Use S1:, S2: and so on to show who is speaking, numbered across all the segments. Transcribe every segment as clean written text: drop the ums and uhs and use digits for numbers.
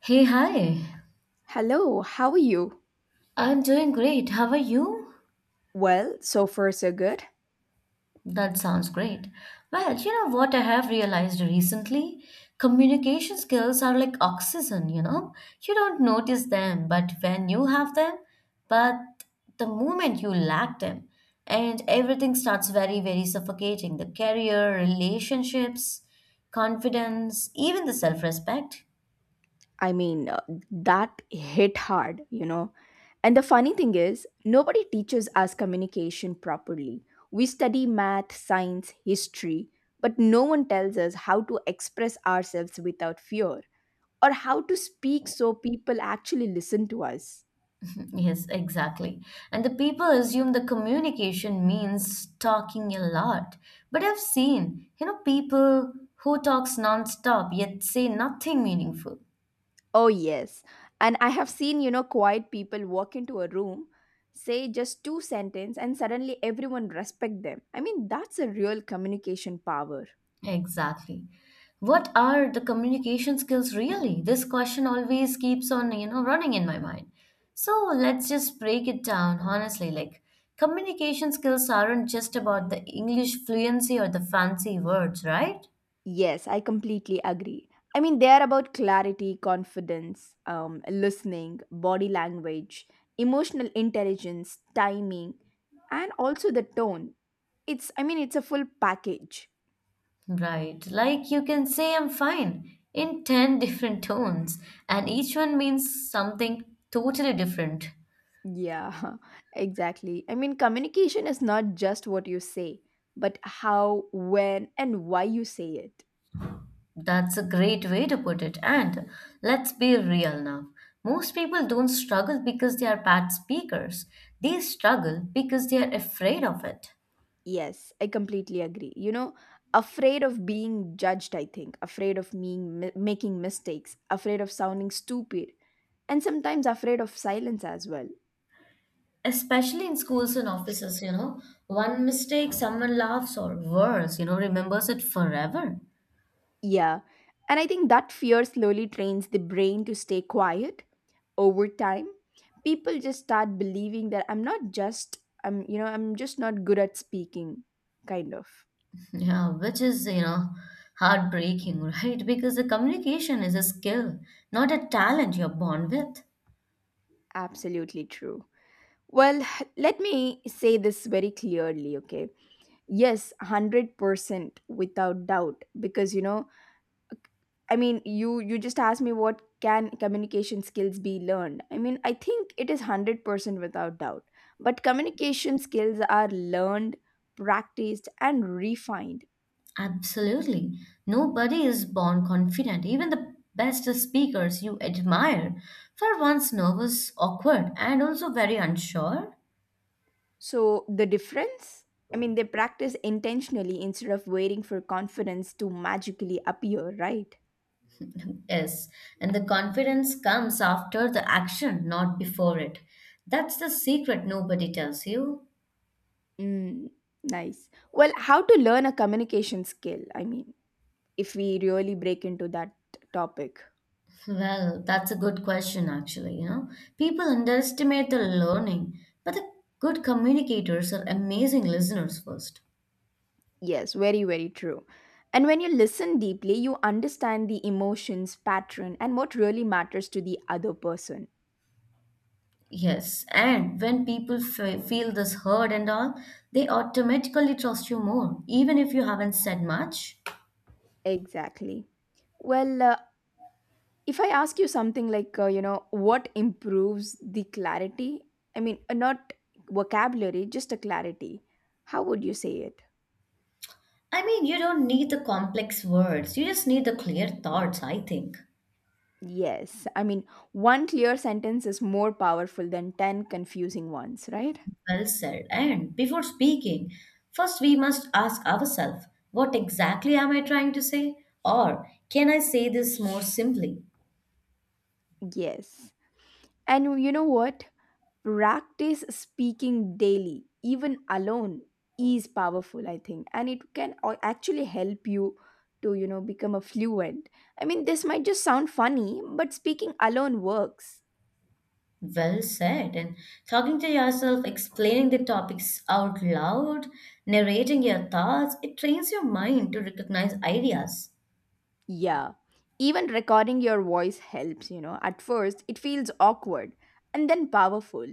S1: Hey, hi.
S2: Hello, how are you?
S1: I'm doing great. How are you?
S2: Well, so far so good.
S1: That sounds great. Well, you know what I have realized recently? Communication skills are like oxygen, you know? You don't notice them, but when you have them, but the moment you lack them, and everything starts very, very suffocating. The career, relationships, confidence, even the self-respect.
S2: I mean, uh, that hit hard, you know. And the funny thing is, nobody teaches us communication properly. We study math, science, history, but no one tells us how to express ourselves without fear or how to speak so people actually listen to us.
S1: Yes, exactly. And the people assume the communication means talking a lot. But I've seen, you know, people who talks nonstop yet say nothing meaningful.
S2: Oh, yes. And I have seen, you know, quiet people walk into a room, say just two sentences, and suddenly everyone respect them. I mean, that's a real communication power.
S1: Exactly. What are the communication skills really? This question always keeps on, you know, running in my mind. So let's just break it down honestly. Like, communication skills aren't just about the English fluency or the fancy words, right?
S2: Yes, I completely agree. I mean, they are about clarity, confidence, listening, body language, emotional intelligence, timing, and also the tone. It's a full package.
S1: Right. Like you can say, I'm fine in 10 different tones, and each one means something totally different.
S2: Yeah, exactly. I mean, communication is not just what you say, but how, when, and why you say it.
S1: That's a great way to put it. And let's be real now. Most people don't struggle because they are bad speakers, they struggle because they are afraid of it.
S2: Yes, I completely agree. You know, afraid of being judged, I think, afraid of being, making mistakes, afraid of sounding stupid, and sometimes afraid of silence as well.
S1: Especially in schools and offices, you know, one mistake, someone laughs, or worse, you know, remembers it forever.
S2: Yeah. And I think that fear slowly trains the brain to stay quiet over time. People just start believing that I'm not just I'm you know, I'm just not good at speaking kind of.
S1: Yeah, which is, you know, heartbreaking, right? Because the communication is a skill, not a talent you're born with.
S2: Absolutely true. Well, let me say this very clearly, okay? Yes, 100% without doubt because you know I mean, you just asked me what can communication skills be learned. I mean, I think it is 100% without doubt. But communication skills are learned, practiced and refined.
S1: Absolutely. Nobody is born confident. Even the best speakers you admire were once nervous, awkward, and also very unsure.
S2: So the difference, I mean, they practice intentionally instead of waiting for confidence to magically appear, right?
S1: Yes, and the confidence comes after the action, not before it. That's the secret nobody tells you.
S2: Mm, nice. Well, how to learn a communication skill? I mean, if we really break into that topic.
S1: Well, that's a good question, actually. You know, people underestimate the learning, but the good communicators are amazing listeners first.
S2: Yes, very, very true. And when you listen deeply, you understand the emotions, pattern, and what really matters to the other person.
S1: Yes, and when people feel this heard and all, they automatically trust you more, even if you haven't said much.
S2: Exactly. Well, if I ask you something like, you know, what improves the clarity? I mean, not vocabulary, just a clarity. How would you say it?
S1: I mean, you don't need the complex words, you just need the clear thoughts, I think.
S2: Yes. I mean, one clear sentence is more powerful than 10 confusing ones, right?
S1: Well said. And before speaking, first we must ask ourselves what exactly am I trying to say? Or can I say this more simply?
S2: Yes. And you know what? Practice speaking daily, even alone, is powerful, I think, and it can actually help you to, you know, become a fluent. I mean, this might just sound funny, but speaking alone works.
S1: Well said. And talking to yourself, explaining the topics out loud, narrating your thoughts, it trains your mind to recognize ideas.
S2: Yeah, even recording your voice helps, you know. At first it feels awkward and then powerful.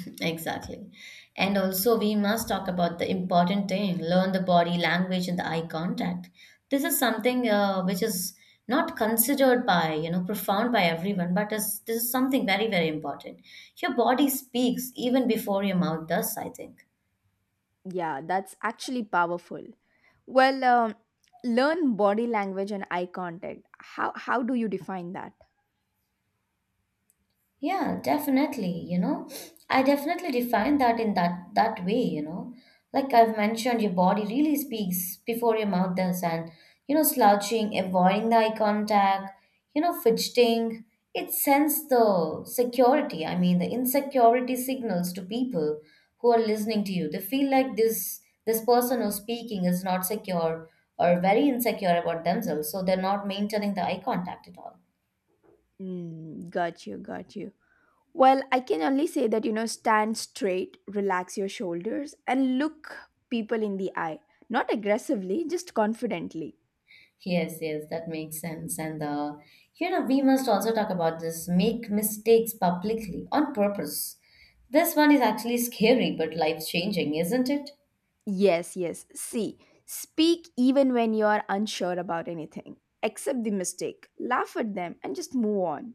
S1: Exactly. And also, we must talk about the important thing learn the body language and the eye contact. This is something which is not considered by, you know, profound by everyone, but this is something very, very important. Your body speaks even before your mouth does, I think.
S2: Yeah, that's actually powerful. Well, learn body language and eye contact. How do you define that?
S1: Yeah, definitely, you know. I definitely define that in that way, you know. Like I've mentioned, your body really speaks before your mouth does, and you know, slouching, avoiding the eye contact, you know, fidgeting. It sends the security, I mean the insecurity signals to people who are listening to you. They feel like this person who's speaking is not secure or very insecure about themselves, so they're not maintaining the eye contact at all.
S2: Mm, got you, got you. Well, I can only say that, you know, stand straight, relax your shoulders, and look people in the eye. Not aggressively, just confidently.
S1: Yes, yes, that makes sense. And you know, we must also talk about this make mistakes publicly on purpose. This one is actually scary but life changing, isn't it?
S2: Yes, yes. See, speak even when you are unsure about anything. Accept the mistake, laugh at them, and just move on.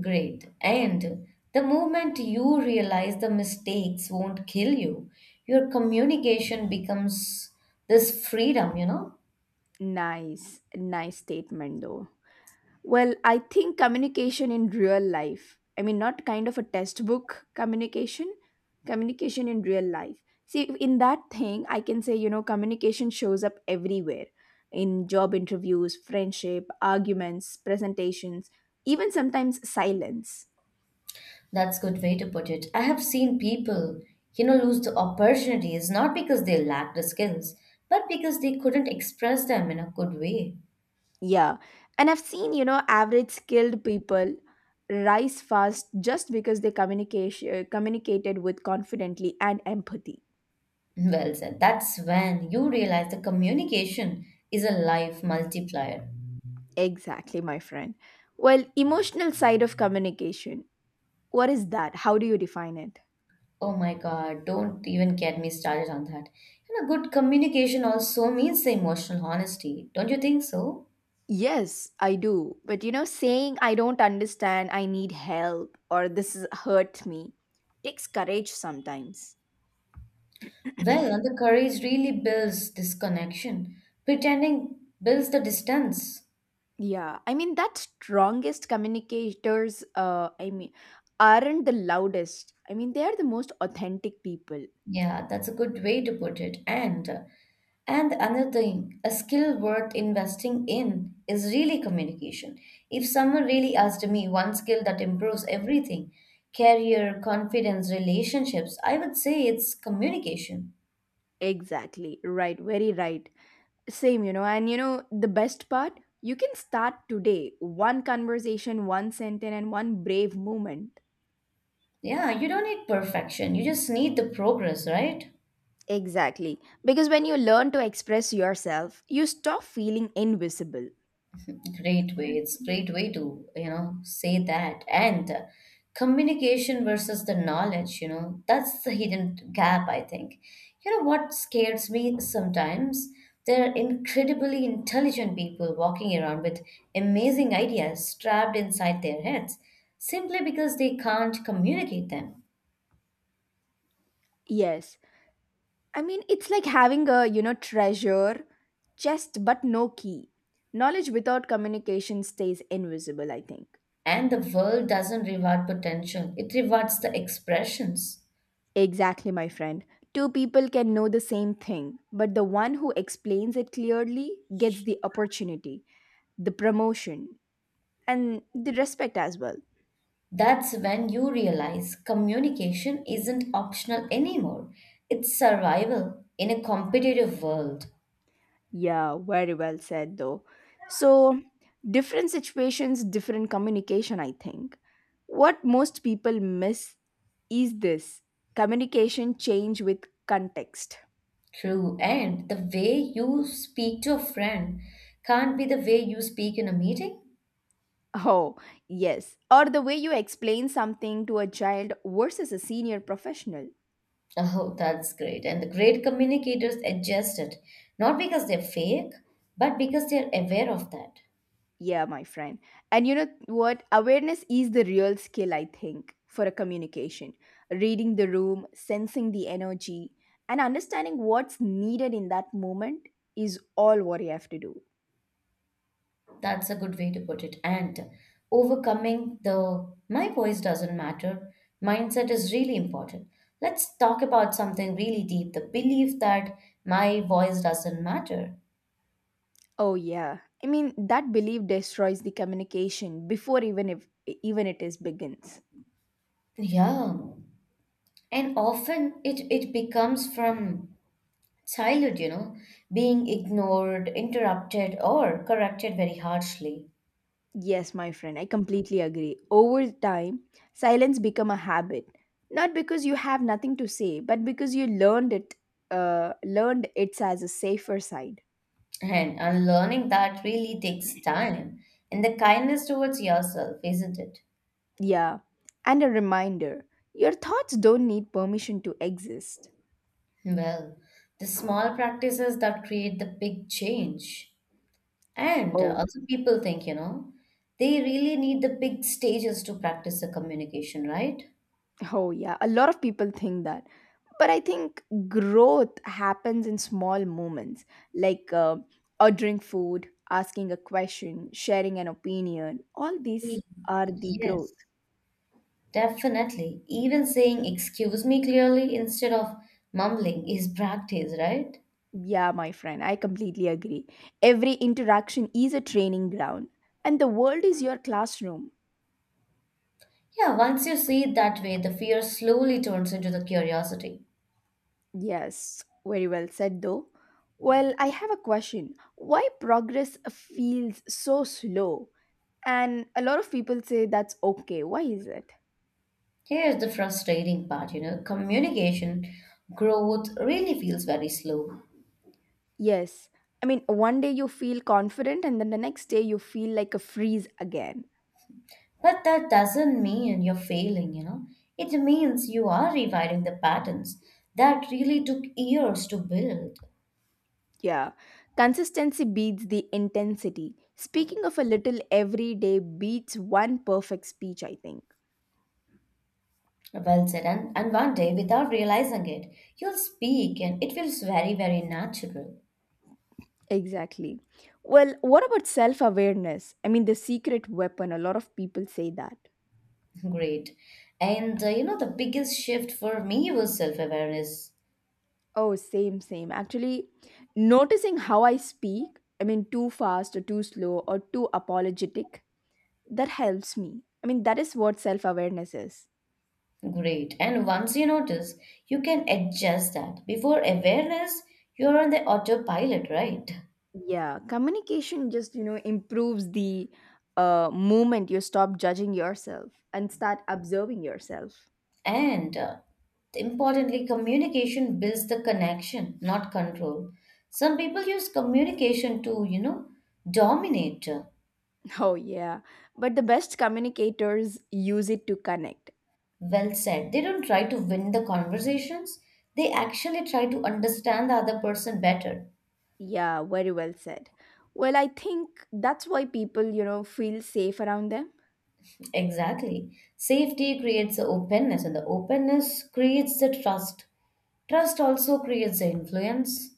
S1: Great. And the moment you realize the mistakes won't kill you, your communication becomes this freedom, you know?
S2: Nice, nice statement though. Well, I think communication in real life, I mean, not kind of a test book communication, communication in real life. See, in that thing, I can say, you know, communication shows up everywhere in job interviews, friendship, arguments, presentations, even sometimes silence.
S1: That's good way to put it. I have seen people, you know, lose the opportunities not because they lacked the skills, but because they couldn't express them in a good way.
S2: Yeah. And I've seen, you know, average skilled people rise fast just because they communication communicated with confidently and empathy.
S1: Well said. That's when you realize the communication is a life multiplier.
S2: Exactly, my friend. Well, emotional side of communication. What is that? How do you define it?
S1: Oh my God, don't even get me started on that. And a good communication also means the emotional honesty, don't you think so?
S2: Yes, I do. But you know, saying I don't understand, I need help, or this is hurt me takes courage sometimes.
S1: Well, and the courage really builds this connection. Pretending builds the distance.
S2: Yeah, I mean that strongest communicators aren't the loudest. I mean they are the most authentic people.
S1: Yeah, that's a good way to put it. And another thing, a skill worth investing in is really communication. If someone really asked me one skill that improves everything, career, confidence, relationships, I would say it's communication.
S2: Exactly. Right, very right. Same, you know, and you know the best part, you can start today. One conversation, one sentence and one brave moment.
S1: Yeah, you don't need perfection. You just need the progress, right?
S2: Exactly. Because when you learn to express yourself, you stop feeling invisible.
S1: Great way. It's great way to, you know, say that. And communication versus the knowledge, you know, that's the hidden gap, I think. You know what scares me sometimes? There are incredibly intelligent people walking around with amazing ideas trapped inside their heads simply because they can't communicate them.
S2: Yes, I mean, it's like having a, you know, treasure chest but no key. Knowledge without communication stays invisible, I think.
S1: And the world doesn't reward potential, it rewards the expressions.
S2: Exactly, my friend. Two people can know the same thing, but the one who explains it clearly gets the opportunity, the promotion, and the respect as well.
S1: That's when you realize communication isn't optional anymore. It's survival in a competitive world.
S2: Yeah, very well said, though. So, different situations, different communication, I think. What most people miss is this communication change with context?
S1: True, and the way you speak to a friend can't be the way you speak in a meeting.
S2: Oh, yes. Or the way you explain something to a child versus a senior professional.
S1: Oh, that's great. And the great communicators adjust it, not because they're fake, but because they're aware of that.
S2: Yeah, my friend. And you know what? Awareness is the real skill, I think, for a communication. Reading the room, sensing the energy, and understanding what's needed in that moment is all what you have to do.
S1: That's a good way to put it. And overcoming the my voice doesn't matter mindset is really important. Let's talk about something really deep the belief that my voice doesn't matter.
S2: Oh yeah. I mean that belief destroys the communication before even if even it is begins.
S1: Yeah. And often it becomes from childhood, you know, being ignored, interrupted, or corrected very harshly.
S2: Yes, my friend, I completely agree. Over time, silence become a habit, not because you have nothing to say, but because you learned it, learned it's as a safer side.
S1: And unlearning that really takes time and the kindness towards yourself, isn't it?
S2: Yeah, and a reminder: your thoughts don't need permission to exist.
S1: Well, the small practices that create the big change. And
S2: Oh,
S1: also, people think, you know, they really need the big stages to practice the communication, right?
S2: oh yeah, a lot of people think that, but I think growth happens in small moments, like ordering food, asking a question, sharing an opinion. All these
S1: E-
S2: are the growth.
S1: Yes, definitely. Even saying excuse me clearly instead of mumbling is practice, right?
S2: Yeah, my friend, I completely agree. Every interaction is a training ground, and the world is your classroom.
S1: Yeah, once you see it that way, the fear slowly turns into the curiosity.
S2: Yes, very well said, though. Well, I have a question. Why progress feels so slow? And a lot of people say that's okay. Why is it?
S1: Here's the frustrating part, you know, communication growth really feels very slow.
S2: Yes, I mean, one day you feel confident, and then the next day you feel like a freeze again.
S1: But that doesn't mean you're failing, you know. It means you are rewriting the patterns that really took years to build.
S2: Yeah, consistency beats the intensity. Speaking of a little every day beats one perfect speech, I think.
S1: Well said, and one day, without realizing it, you'll speak and it feels very, very natural.
S2: Exactly. Well, what about self awareness? I mean, the secret weapon, a lot of people say that.
S1: Great. And you know, the biggest shift for me was self awareness.
S2: Oh, same, same. Actually, noticing how I speak, I mean, too fast or too slow or too apologetic, that helps me. I mean, that is what self awareness is.
S1: Great. And once you notice, you can adjust that. Before awareness, you're on the autopilot, right?
S2: Yeah, communication just, you know, improves the moment you stop judging yourself and start observing yourself.
S1: And importantly, communication builds the connection, not control. Some people use communication to, you know, dominate.
S2: Oh, yeah. But the best communicators use it to connect.
S1: Well said. They don't try to win the conversations, they actually try to understand the other person better.
S2: Yeah, very well said. Well, I think that's why people, you know, feel safe around them.
S1: Exactly. Safety creates the openness, and the openness creates the trust. Trust also creates the influence.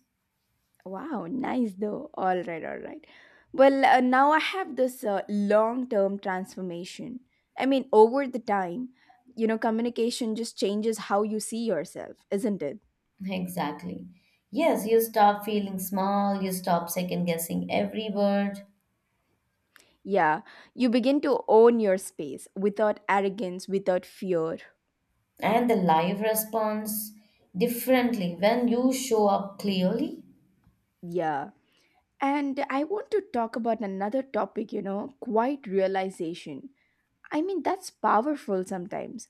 S2: Wow, nice though. All right, all right. Well, now I have this long term transformation. I mean, over the time, you know, communication just changes how you see yourself, isn't it?
S1: Exactly. Yes, you stop feeling small, you stop second guessing every word,
S2: Yeah, you begin to own your space without arrogance, without fear.
S1: and the life responds differently when you show up clearly.
S2: Yeah. And I want to talk about another topic, you know, quiet realization. I mean, that's powerful sometimes.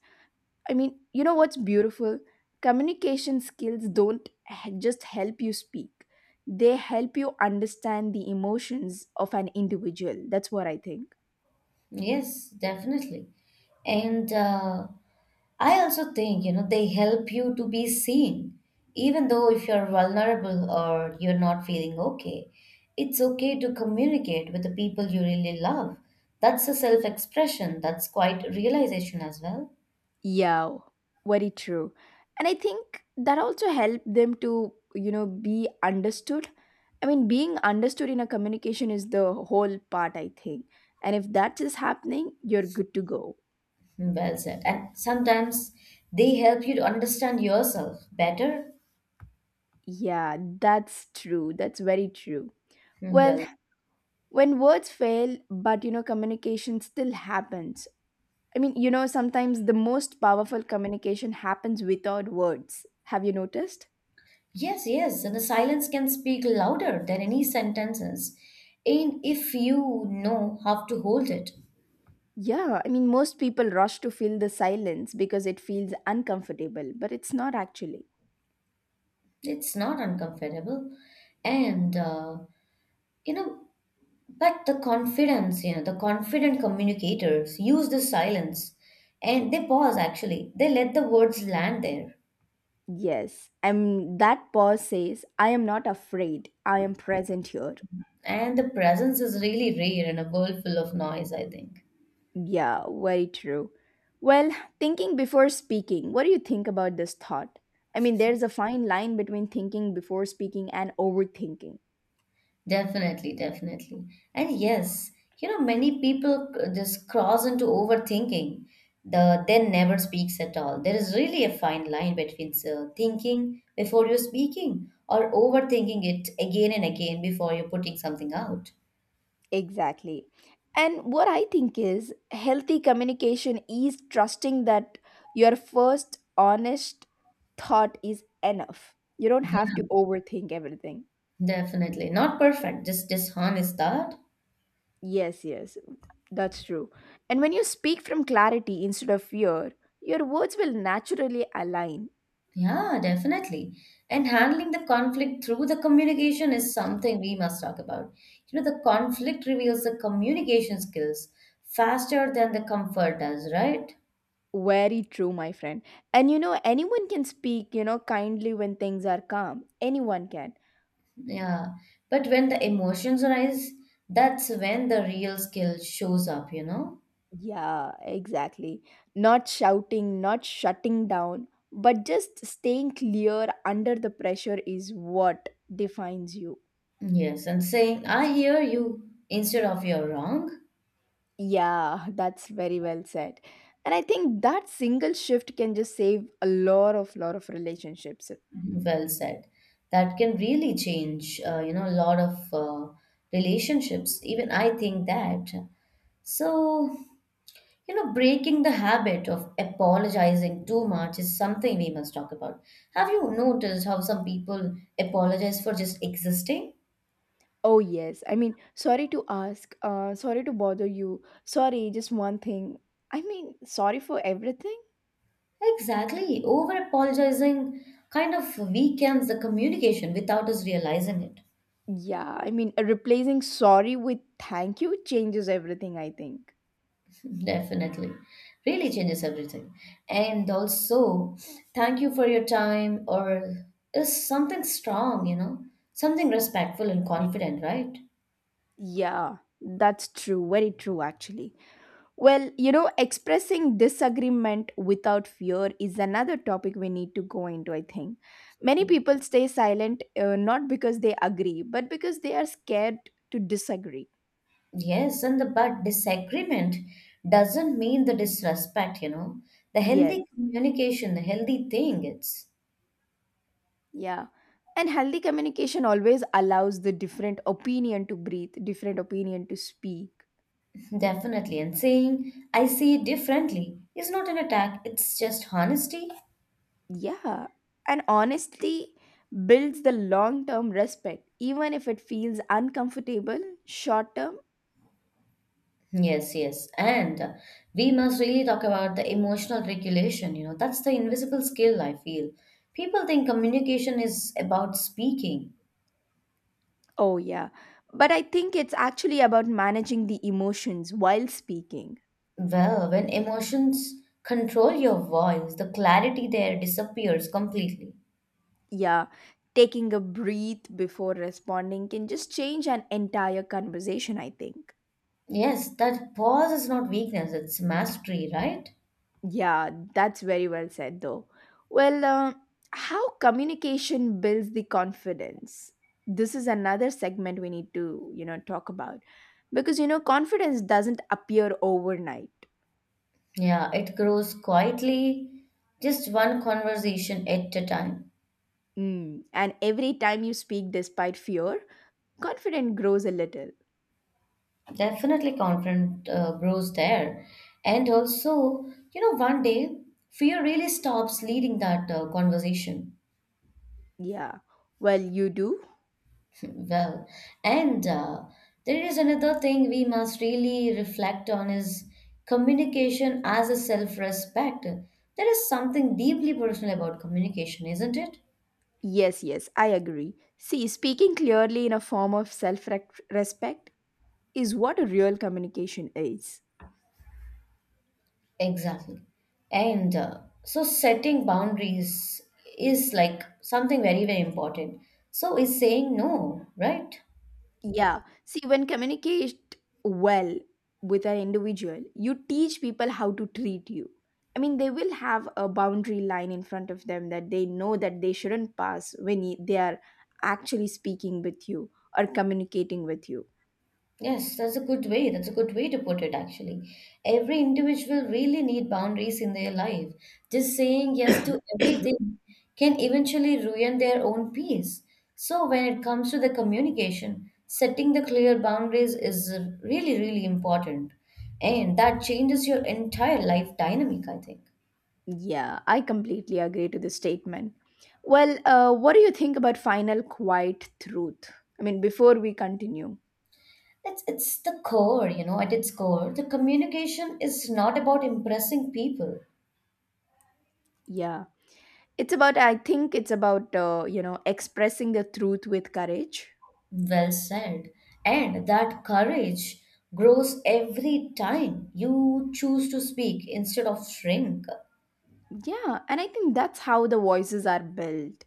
S2: I mean, you know what's beautiful? Communication skills don't just help you speak, they help you understand the emotions of an individual. That's what I think.
S1: Yes, definitely. And I also think, you know, they help you to be seen even though if you're vulnerable or you're not feeling okay. It's okay to communicate with the people you really love. That's a self-expression. That's quite a realization as well.
S2: Yeah, very true. And I think that also helped them to, you know, be understood. I mean, being understood in a communication is the whole part, I think. And if that is happening, you're good to go.
S1: Well said. And sometimes they help you to understand yourself better.
S2: Yeah, that's true. That's very true. Well,
S1: Well.
S2: when words fail, but, you know, communication still happens. I mean, you know, sometimes the most powerful communication happens without words. Have you noticed?
S1: Yes, yes, the silence can speak louder than any sentences. And if you know how to hold it,
S2: Yeah, I mean, most people rush to fill the silence because it feels uncomfortable, but it's not actually.
S1: it's not uncomfortable. And, you know, but the confidence, you know, the confident communicators use the silence, and they pause actually. They let the words land there.
S2: Yes, I'm, that pause says, I am not afraid, I am present here.
S1: And the presence is really rare in a world full of noise, I think.
S2: Yeah, very true. Well, thinking before speaking, what do you think about this thought? I mean, there's a fine line between thinking before speaking and overthinking.
S1: Definitely, definitely. And yes, you know, many people just cross into overthinking. The then never speaks at all. There is really a fine line between thinking before you're speaking or overthinking it again and again before you're putting something out.
S2: Exactly. And what I think is healthy communication is trusting that your first honest thought is enough. You don't have to
S1: Yeah,
S2: overthink everything.
S1: definitely. Not perfect, just dishonest thought.
S2: Yes, yes, that's true. And when you speak from clarity instead of fear, your words will naturally align.
S1: Yeah, definitely. And handling the conflict through the communication is something we must talk about. You know, the conflict reveals the communication skills faster than the comfort does, right?
S2: Very true, my friend. And you know, anyone can speak, you know, kindly when things are calm. Anyone can.
S1: Yeah. But when the emotions arise, that's when the real skill shows up, you know?
S2: Yeah, exactly. Not shouting, not shutting down, but just staying clear under the pressure is what defines you.
S1: Yes, and saying, I hear you instead of you're wrong,
S2: Yeah, that's very well said. And I think that single shift can just save a lot of relationships.
S1: well said. That can really change, you know, a lot of relationships. Even I think that. So, you know, breaking the habit of apologizing too much is something we must talk about. Have you noticed how some people apologize for just existing?
S2: Oh yes. I mean, sorry to ask, sorry to bother you. Sorry, just one thing. I mean, sorry for everything?
S1: Exactly. Over apologizing kind of weakens the communication without us realizing it.
S2: Yeah, I mean, replacing sorry with thank you changes everything, I think.
S1: Definitely. Really changes everything. And also, thank you for your time, or is something strong, you know, something respectful and confident, right?
S2: Yeah, that's true. Very true, actually. Well, you know, expressing disagreement without fear is another topic we need to go into, I think. Many people stay silent not because they agree, but because they are scared to disagree.
S1: Yes, and the but disagreement doesn't mean the disrespect, you know. The
S2: Yes,
S1: healthy communication, the healthy thing, it's
S2: yeah. And healthy communication always allows the different opinion to breathe, different opinion to speak.
S1: definitely. And saying, I see it differently is not an attack, it's just honesty.
S2: Yeah, and honestly builds the long term respect, even if it feels uncomfortable short term.
S1: Yes, yes. And we must really talk about the emotional regulation, you know. That's the invisible skill, I feel. People think communication is about speaking.
S2: Oh, yeah. But I think it's actually about managing the emotions while speaking.
S1: Well, when emotions control your voice, the clarity there disappears completely.
S2: Yeah, taking a breath before responding can just change an entire conversation, I think.
S1: Yes, that pause is not weakness, it's mastery, right?
S2: Yeah, that's very well said, though. Well, how communication builds the confidence. This is another segment we need to, you know, talk about because you know confidence doesn't appear overnight.
S1: Yeah, it grows quietly, just one conversation at a time.
S2: Mm. And every time you speak despite fear, confidence grows a little.
S1: Definitely confident grows there. And also, you know, one day fear really stops leading that conversation.
S2: Yeah. Well, you do.
S1: Well, and there is another thing we must really reflect on is communication as a self-respect. There is something deeply personal about communication, isn't it?
S2: Yes, yes, I agree. See, speaking clearly in a form of self-respect is what a real communication is.
S1: Exactly. And so setting boundaries is like something very, very important. So is saying no, right?
S2: Yeah. See, when communicate well with an individual, you teach people how to treat you. I mean, they will have a boundary line in front of them that they know that they shouldn't pass when they are actually speaking with you or communicating with you.
S1: Yes, that's a good way. That's a good way to put it, actually. Every individual really need boundaries in their life. Just saying yes to everything can eventually ruin their own peace. So when it comes to the communication, setting the clear boundaries is really, really important. And that changes your entire life dynamic, I think.
S2: Yeah, I completely agree to this statement. Well, what do you think about final quiet truth? I mean, before we continue,
S1: It's the core, you know, at its core, the communication is not about impressing people.
S2: yeah, it's about, I think it's about, you know, expressing the truth with courage.
S1: Well said. And that courage grows every time you choose to speak instead of shrink.
S2: Yeah, and I think that's how the voices are built.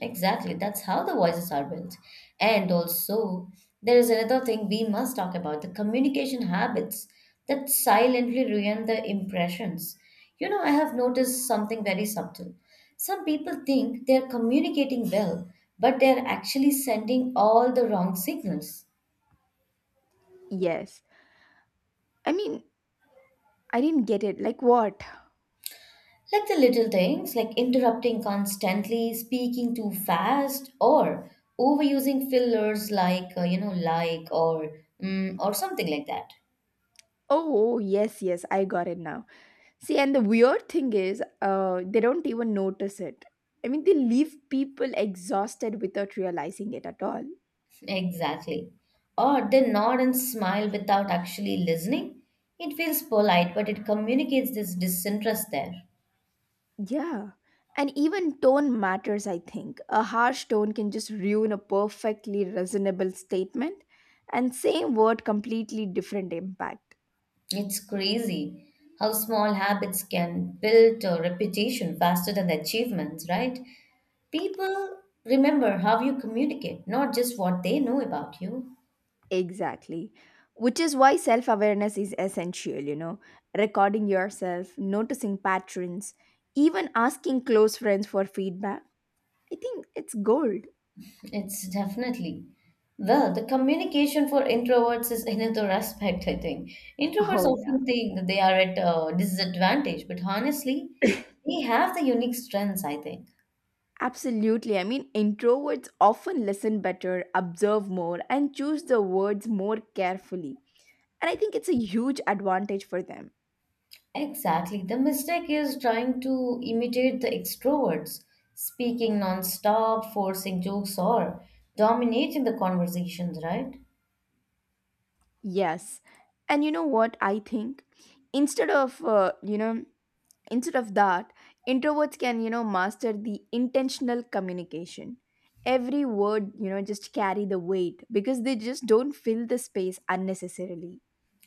S1: Exactly. That's how the voices are built. And also, there is another thing we must talk about the communication habits that silently ruin the impressions. You know, I have noticed something very subtle. Some people think they're communicating well, but they're actually sending all the wrong signals.
S2: Yes. I mean, I didn't get it. Like what?
S1: Like the little things like interrupting constantly, speaking too fast, or overusing fillers like, you know, like or mm, or something like that.
S2: Oh, yes, yes, I got it now. See, and the weird thing is, they don't even notice it. I mean, they leave people exhausted without realizing it at all.
S1: Exactly. Or they nod and smile without actually listening. It feels polite, but it communicates this disinterest there.
S2: Yeah. And even tone matters, I think. A harsh tone can just ruin a perfectly reasonable statement, and same word completely different impact.
S1: It's crazy how small habits can build a reputation faster than the achievements, right? People remember how you communicate, not just what they know about you.
S2: Exactly. Which is why self awareness is essential, you know, recording yourself, noticing patterns, even asking close friends for feedback. I think it's gold.
S1: It's definitely. Well, the communication for introverts is another aspect, I think. Introverts
S2: Oh,
S1: often think that they are at a disadvantage, but honestly,
S2: yeah.
S1: they have the unique strengths, I think.
S2: Absolutely. I mean, introverts often listen better, observe more, and choose the words more carefully. And I think it's a huge advantage for them.
S1: Exactly. The mistake is trying to imitate the extroverts, speaking non-stop, forcing jokes, or dominating the conversations, right?
S2: Yes. And you know what I think? Instead of, you know, instead of that, introverts can, you know, master the intentional communication. Every word, you know, just carry the weight, because they just don't fill the space unnecessarily.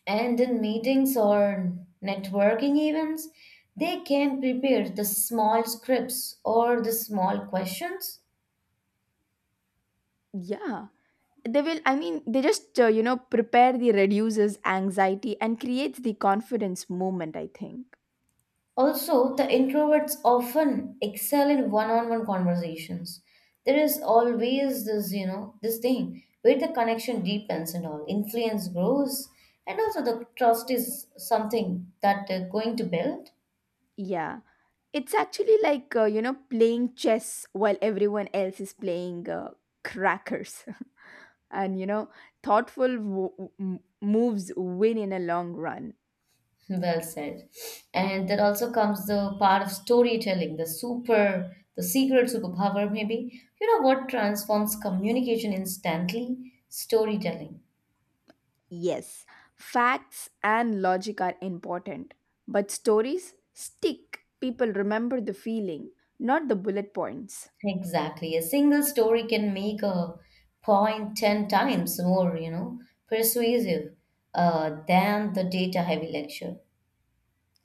S1: And in meetings or networking events, they can prepare the small scripts or the small questions.
S2: Yeah, they will. I mean, they just you know prepare the reduces anxiety and creates the confidence movement, I think.
S1: Also, the introverts often excel in one-on-one conversations. There is always this, you know, this thing where the connection deepens and all, influence grows, and also the trust is something that they're going to build.
S2: Yeah. It's actually like, you know, playing chess while everyone else is playing crackers. And, you know, thoughtful moves win in a long run.
S1: Well said. And then also comes the part of storytelling, the super, the secret superpower, maybe. You know what transforms communication instantly? Storytelling.
S2: Yes, facts and logic are important, but stories stick. People remember the feeling, not the bullet points.
S1: Exactly. A single story can make a point 10 times more, you know, persuasive than the data heavy lecture.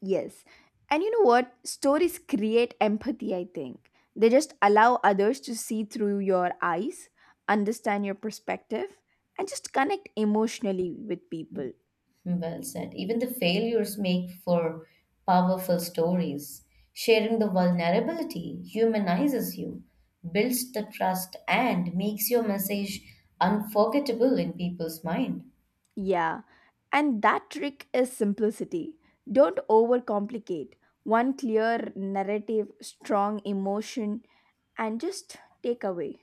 S2: Yes. And you know what? Stories create empathy, I think. They just allow others to see through your eyes, understand your perspective, and just connect emotionally with people.
S1: Well said. Even the failures make for powerful stories. Sharing the vulnerability humanizes you, builds the trust, and makes your message unforgettable in people's mind.
S2: Yeah. And that trick is simplicity. Don't overcomplicate. One clear narrative, strong emotion, and just take away.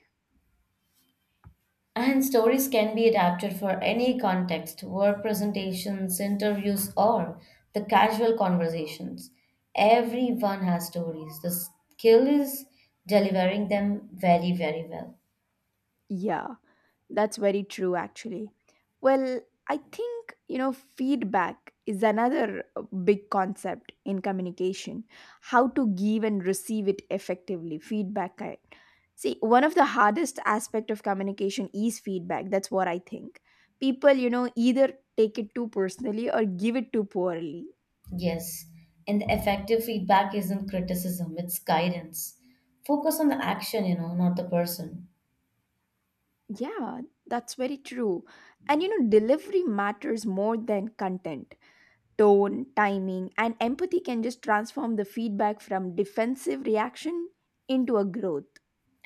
S1: And stories can be adapted for any context, work presentations, interviews, or the casual conversations. Everyone has stories. The skill is delivering them very, very well.
S2: Yeah, that's very true, actually. Well, I think, you know, feedback is another big concept in communication, how to give and receive it effectively. See, one of the hardest aspect of communication is feedback. That's what I think. People, you know, either take it too personally or give it too poorly.
S1: Yes, and effective feedback isn't criticism, it's guidance. Focus on the action, you know, not the person.
S2: Yeah, that's very true. And, you know, delivery matters more than content, tone, timing, and empathy can just transform the feedback from defensive reaction into a growth.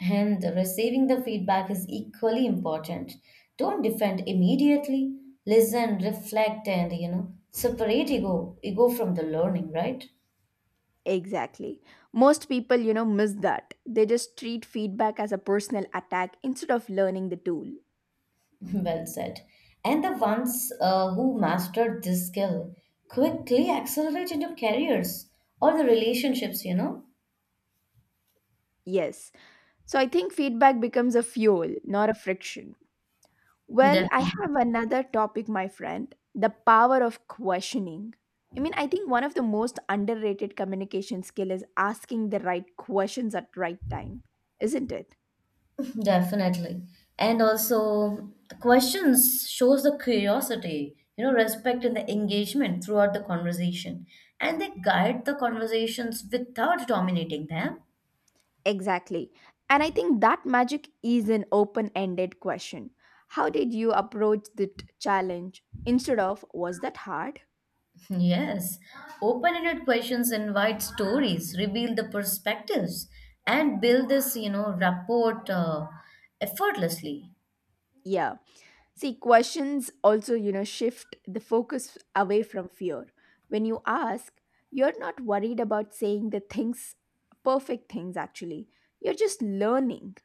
S1: And receiving the feedback is equally important. Don't defend immediately. Listen, reflect, and, you know, separate ego from the learning, right?
S2: Exactly. Most people, you know, miss that. They just treat feedback as a personal attack instead of learning the tool.
S1: Well said. And the ones who mastered this skill quickly accelerate into careers or the relationships, you know?
S2: Yes. So I think feedback becomes a fuel, not a friction. Well, I
S1: Definitely.
S2: have another topic, my friend, the power of questioning. I mean, I think one of the most underrated communication skill is asking the right questions at right time, isn't it?
S1: Definitely. And also, the questions shows the curiosity, you know, respect and the engagement throughout the conversation. And they guide the conversations without dominating them.
S2: Exactly. And I think that magic is an open ended question. How did you approach the challenge? Instead of, was that hard?
S1: Yes. Open-ended questions invite stories, reveal the perspectives, and build this, you know, rapport effortlessly.
S2: Yeah. See, questions also, you know, shift the focus away from fear. When you ask, you're not worried about saying the things, perfect things actually. You're just learning.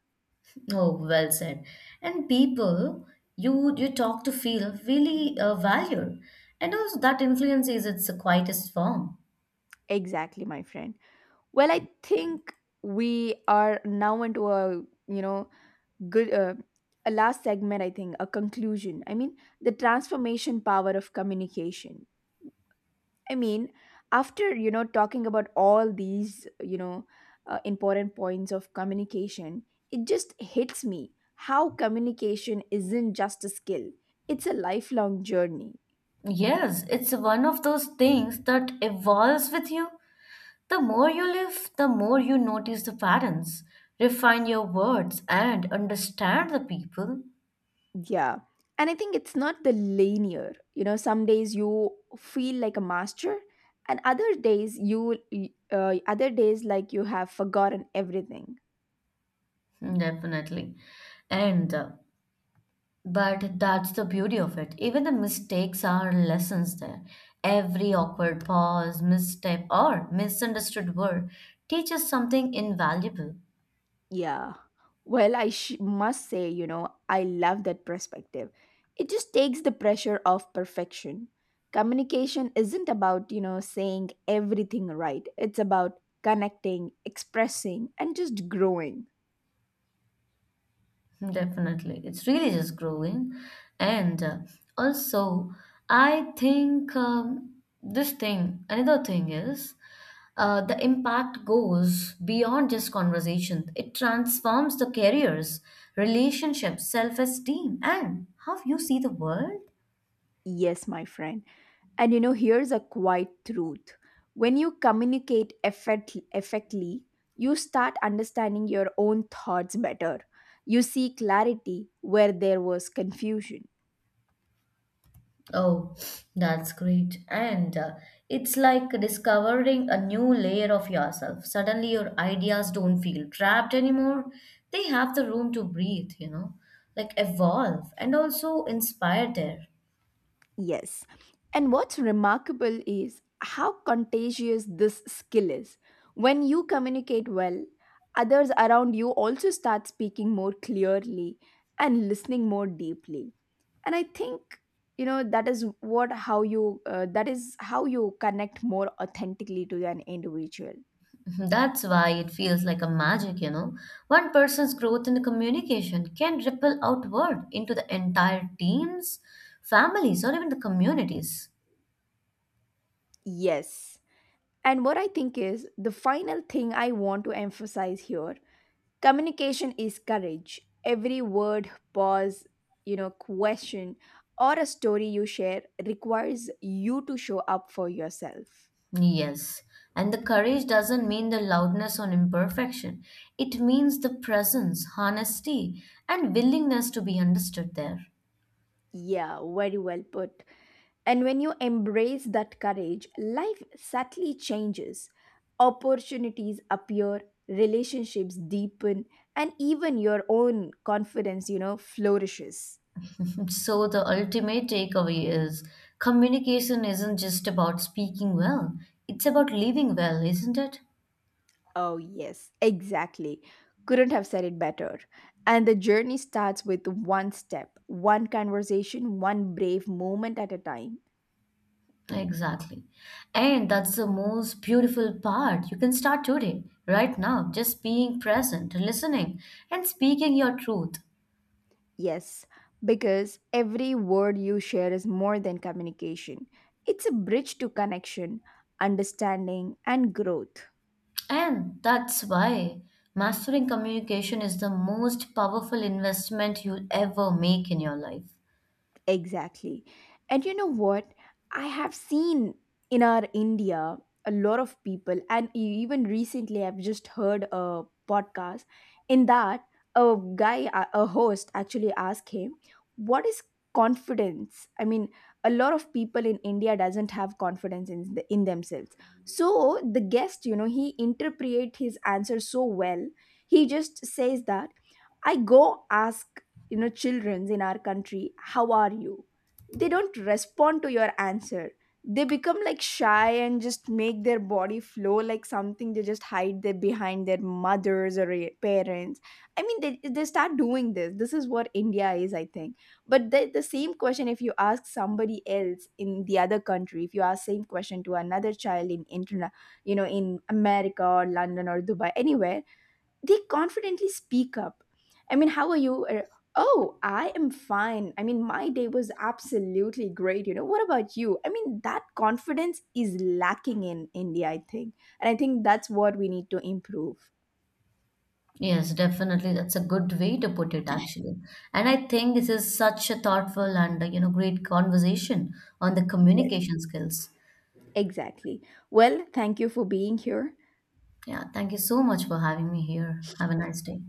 S1: Oh, well said. And people you talk to feel really valued, and also that influence is its quietest form.
S2: Exactly, my friend. Well, I think we are now into a, you know, good a last segment, I think, a conclusion. I mean, the transformation power of communication, I mean, after, you know, talking about all these, you know, important points of communication, it just hits me how communication isn't just a skill, it's a lifelong journey.
S1: Yes, it's one of those things that evolves with you. The more you live, the more you notice the patterns, refine your words, and understand the people.
S2: Yeah. And I think it's not the linear. You know, some days you feel like a master, and other days you, other days like you have forgotten everything.
S1: Hmm, definitely. And But that's the beauty of it. Even the mistakes are lessons there. Every awkward pause, misstep, or misunderstood word teaches something invaluable.
S2: Yeah. Well, must say, you know, I love that perspective. It just takes the pressure off perfection. Communication isn't about, you know, saying everything right. It's about connecting, expressing and just growing.
S1: Definitely. It's really just growing. And also, I think this thing, another thing is, the impact goes beyond just conversation. It transforms the careers, relationships, self esteem, and how you see the world.
S2: Yes, my friend. And you know, here's a quiet truth. When you effectively, you start understanding your own thoughts better. You see clarity where there was confusion.
S1: Oh, that's great. And it's like discovering a new layer of yourself. Suddenly, your ideas don't feel trapped anymore. They have the room to breathe, you know, like evolve and also inspire there.
S2: Yes. And what's remarkable is how contagious this skill is. When you communicate well, others around you also start speaking more clearly and listening more deeply. And I think, you know, that is what how you, that is how you connect more authentically to an individual.
S1: Mhm. That's why it feels like a magic, you know. One person's growth in the communication can ripple outward into the entire teams, families, or even the communities.
S2: Yes. And what I think is the final thing I want to emphasize here. Communication is courage. Every word, pause, you know, question, or a story you share requires you to show up for yourself.
S1: Yes, and the courage doesn't mean the loudness on imperfection. It means the presence, honesty, and willingness to be understood there.
S2: Yeah, very well put. And when you embrace that courage, life subtly changes. Opportunities appear, relationships deepen, and even your own confidence, you know, flourishes.
S1: So, the ultimate takeaway is communication isn't just about speaking well, it's about living well, isn't it?
S2: Oh, yes, exactly. Couldn't have said it better. And the journey starts with one step, one conversation, one brave moment at a time.
S1: Exactly. And that's the most beautiful part. You can start today, right now, just being present, listening, and speaking your truth.
S2: Yes, because every word you share is more than communication, it's a bridge to connection, understanding, and growth.
S1: And that's why mastering communication is the most powerful investment you'll ever make in your life.
S2: Exactly. And you know what? I have seen in our India a lot of people, and even recently, I've just heard a podcast. In that, a guy, a host, actually asked him, what is confidence? I mean, a lot of people in India doesn't have confidence in, in themselves. So the guest, you know, he interpret his answer so well. He just says that I go ask, you know, childrens in our country, how are you? They don't respond to your answer. They become like shy and just make their body flow like something. They just hide their behind their mothers or parents. I mean, they start doing this. This is what India is, I think. But the same question, if you ask somebody else in the other country, if you ask same question to another child in you know, in America or London or Dubai, anywhere, they confidently speak up. I mean, how are you? Or, oh, I am fine. I mean, my day was absolutely great. You know, what about you? I mean, that confidence is lacking in India, I think. And I think that's what we need to improve.
S1: Yes, definitely. That's a good way to put it, actually. And I think this is such a thoughtful and, you know, great conversation on the
S2: Yes,
S1: communication skills.
S2: exactly. Well, thank you for being here.
S1: Yeah, thank you so much for having me here. Have a nice day.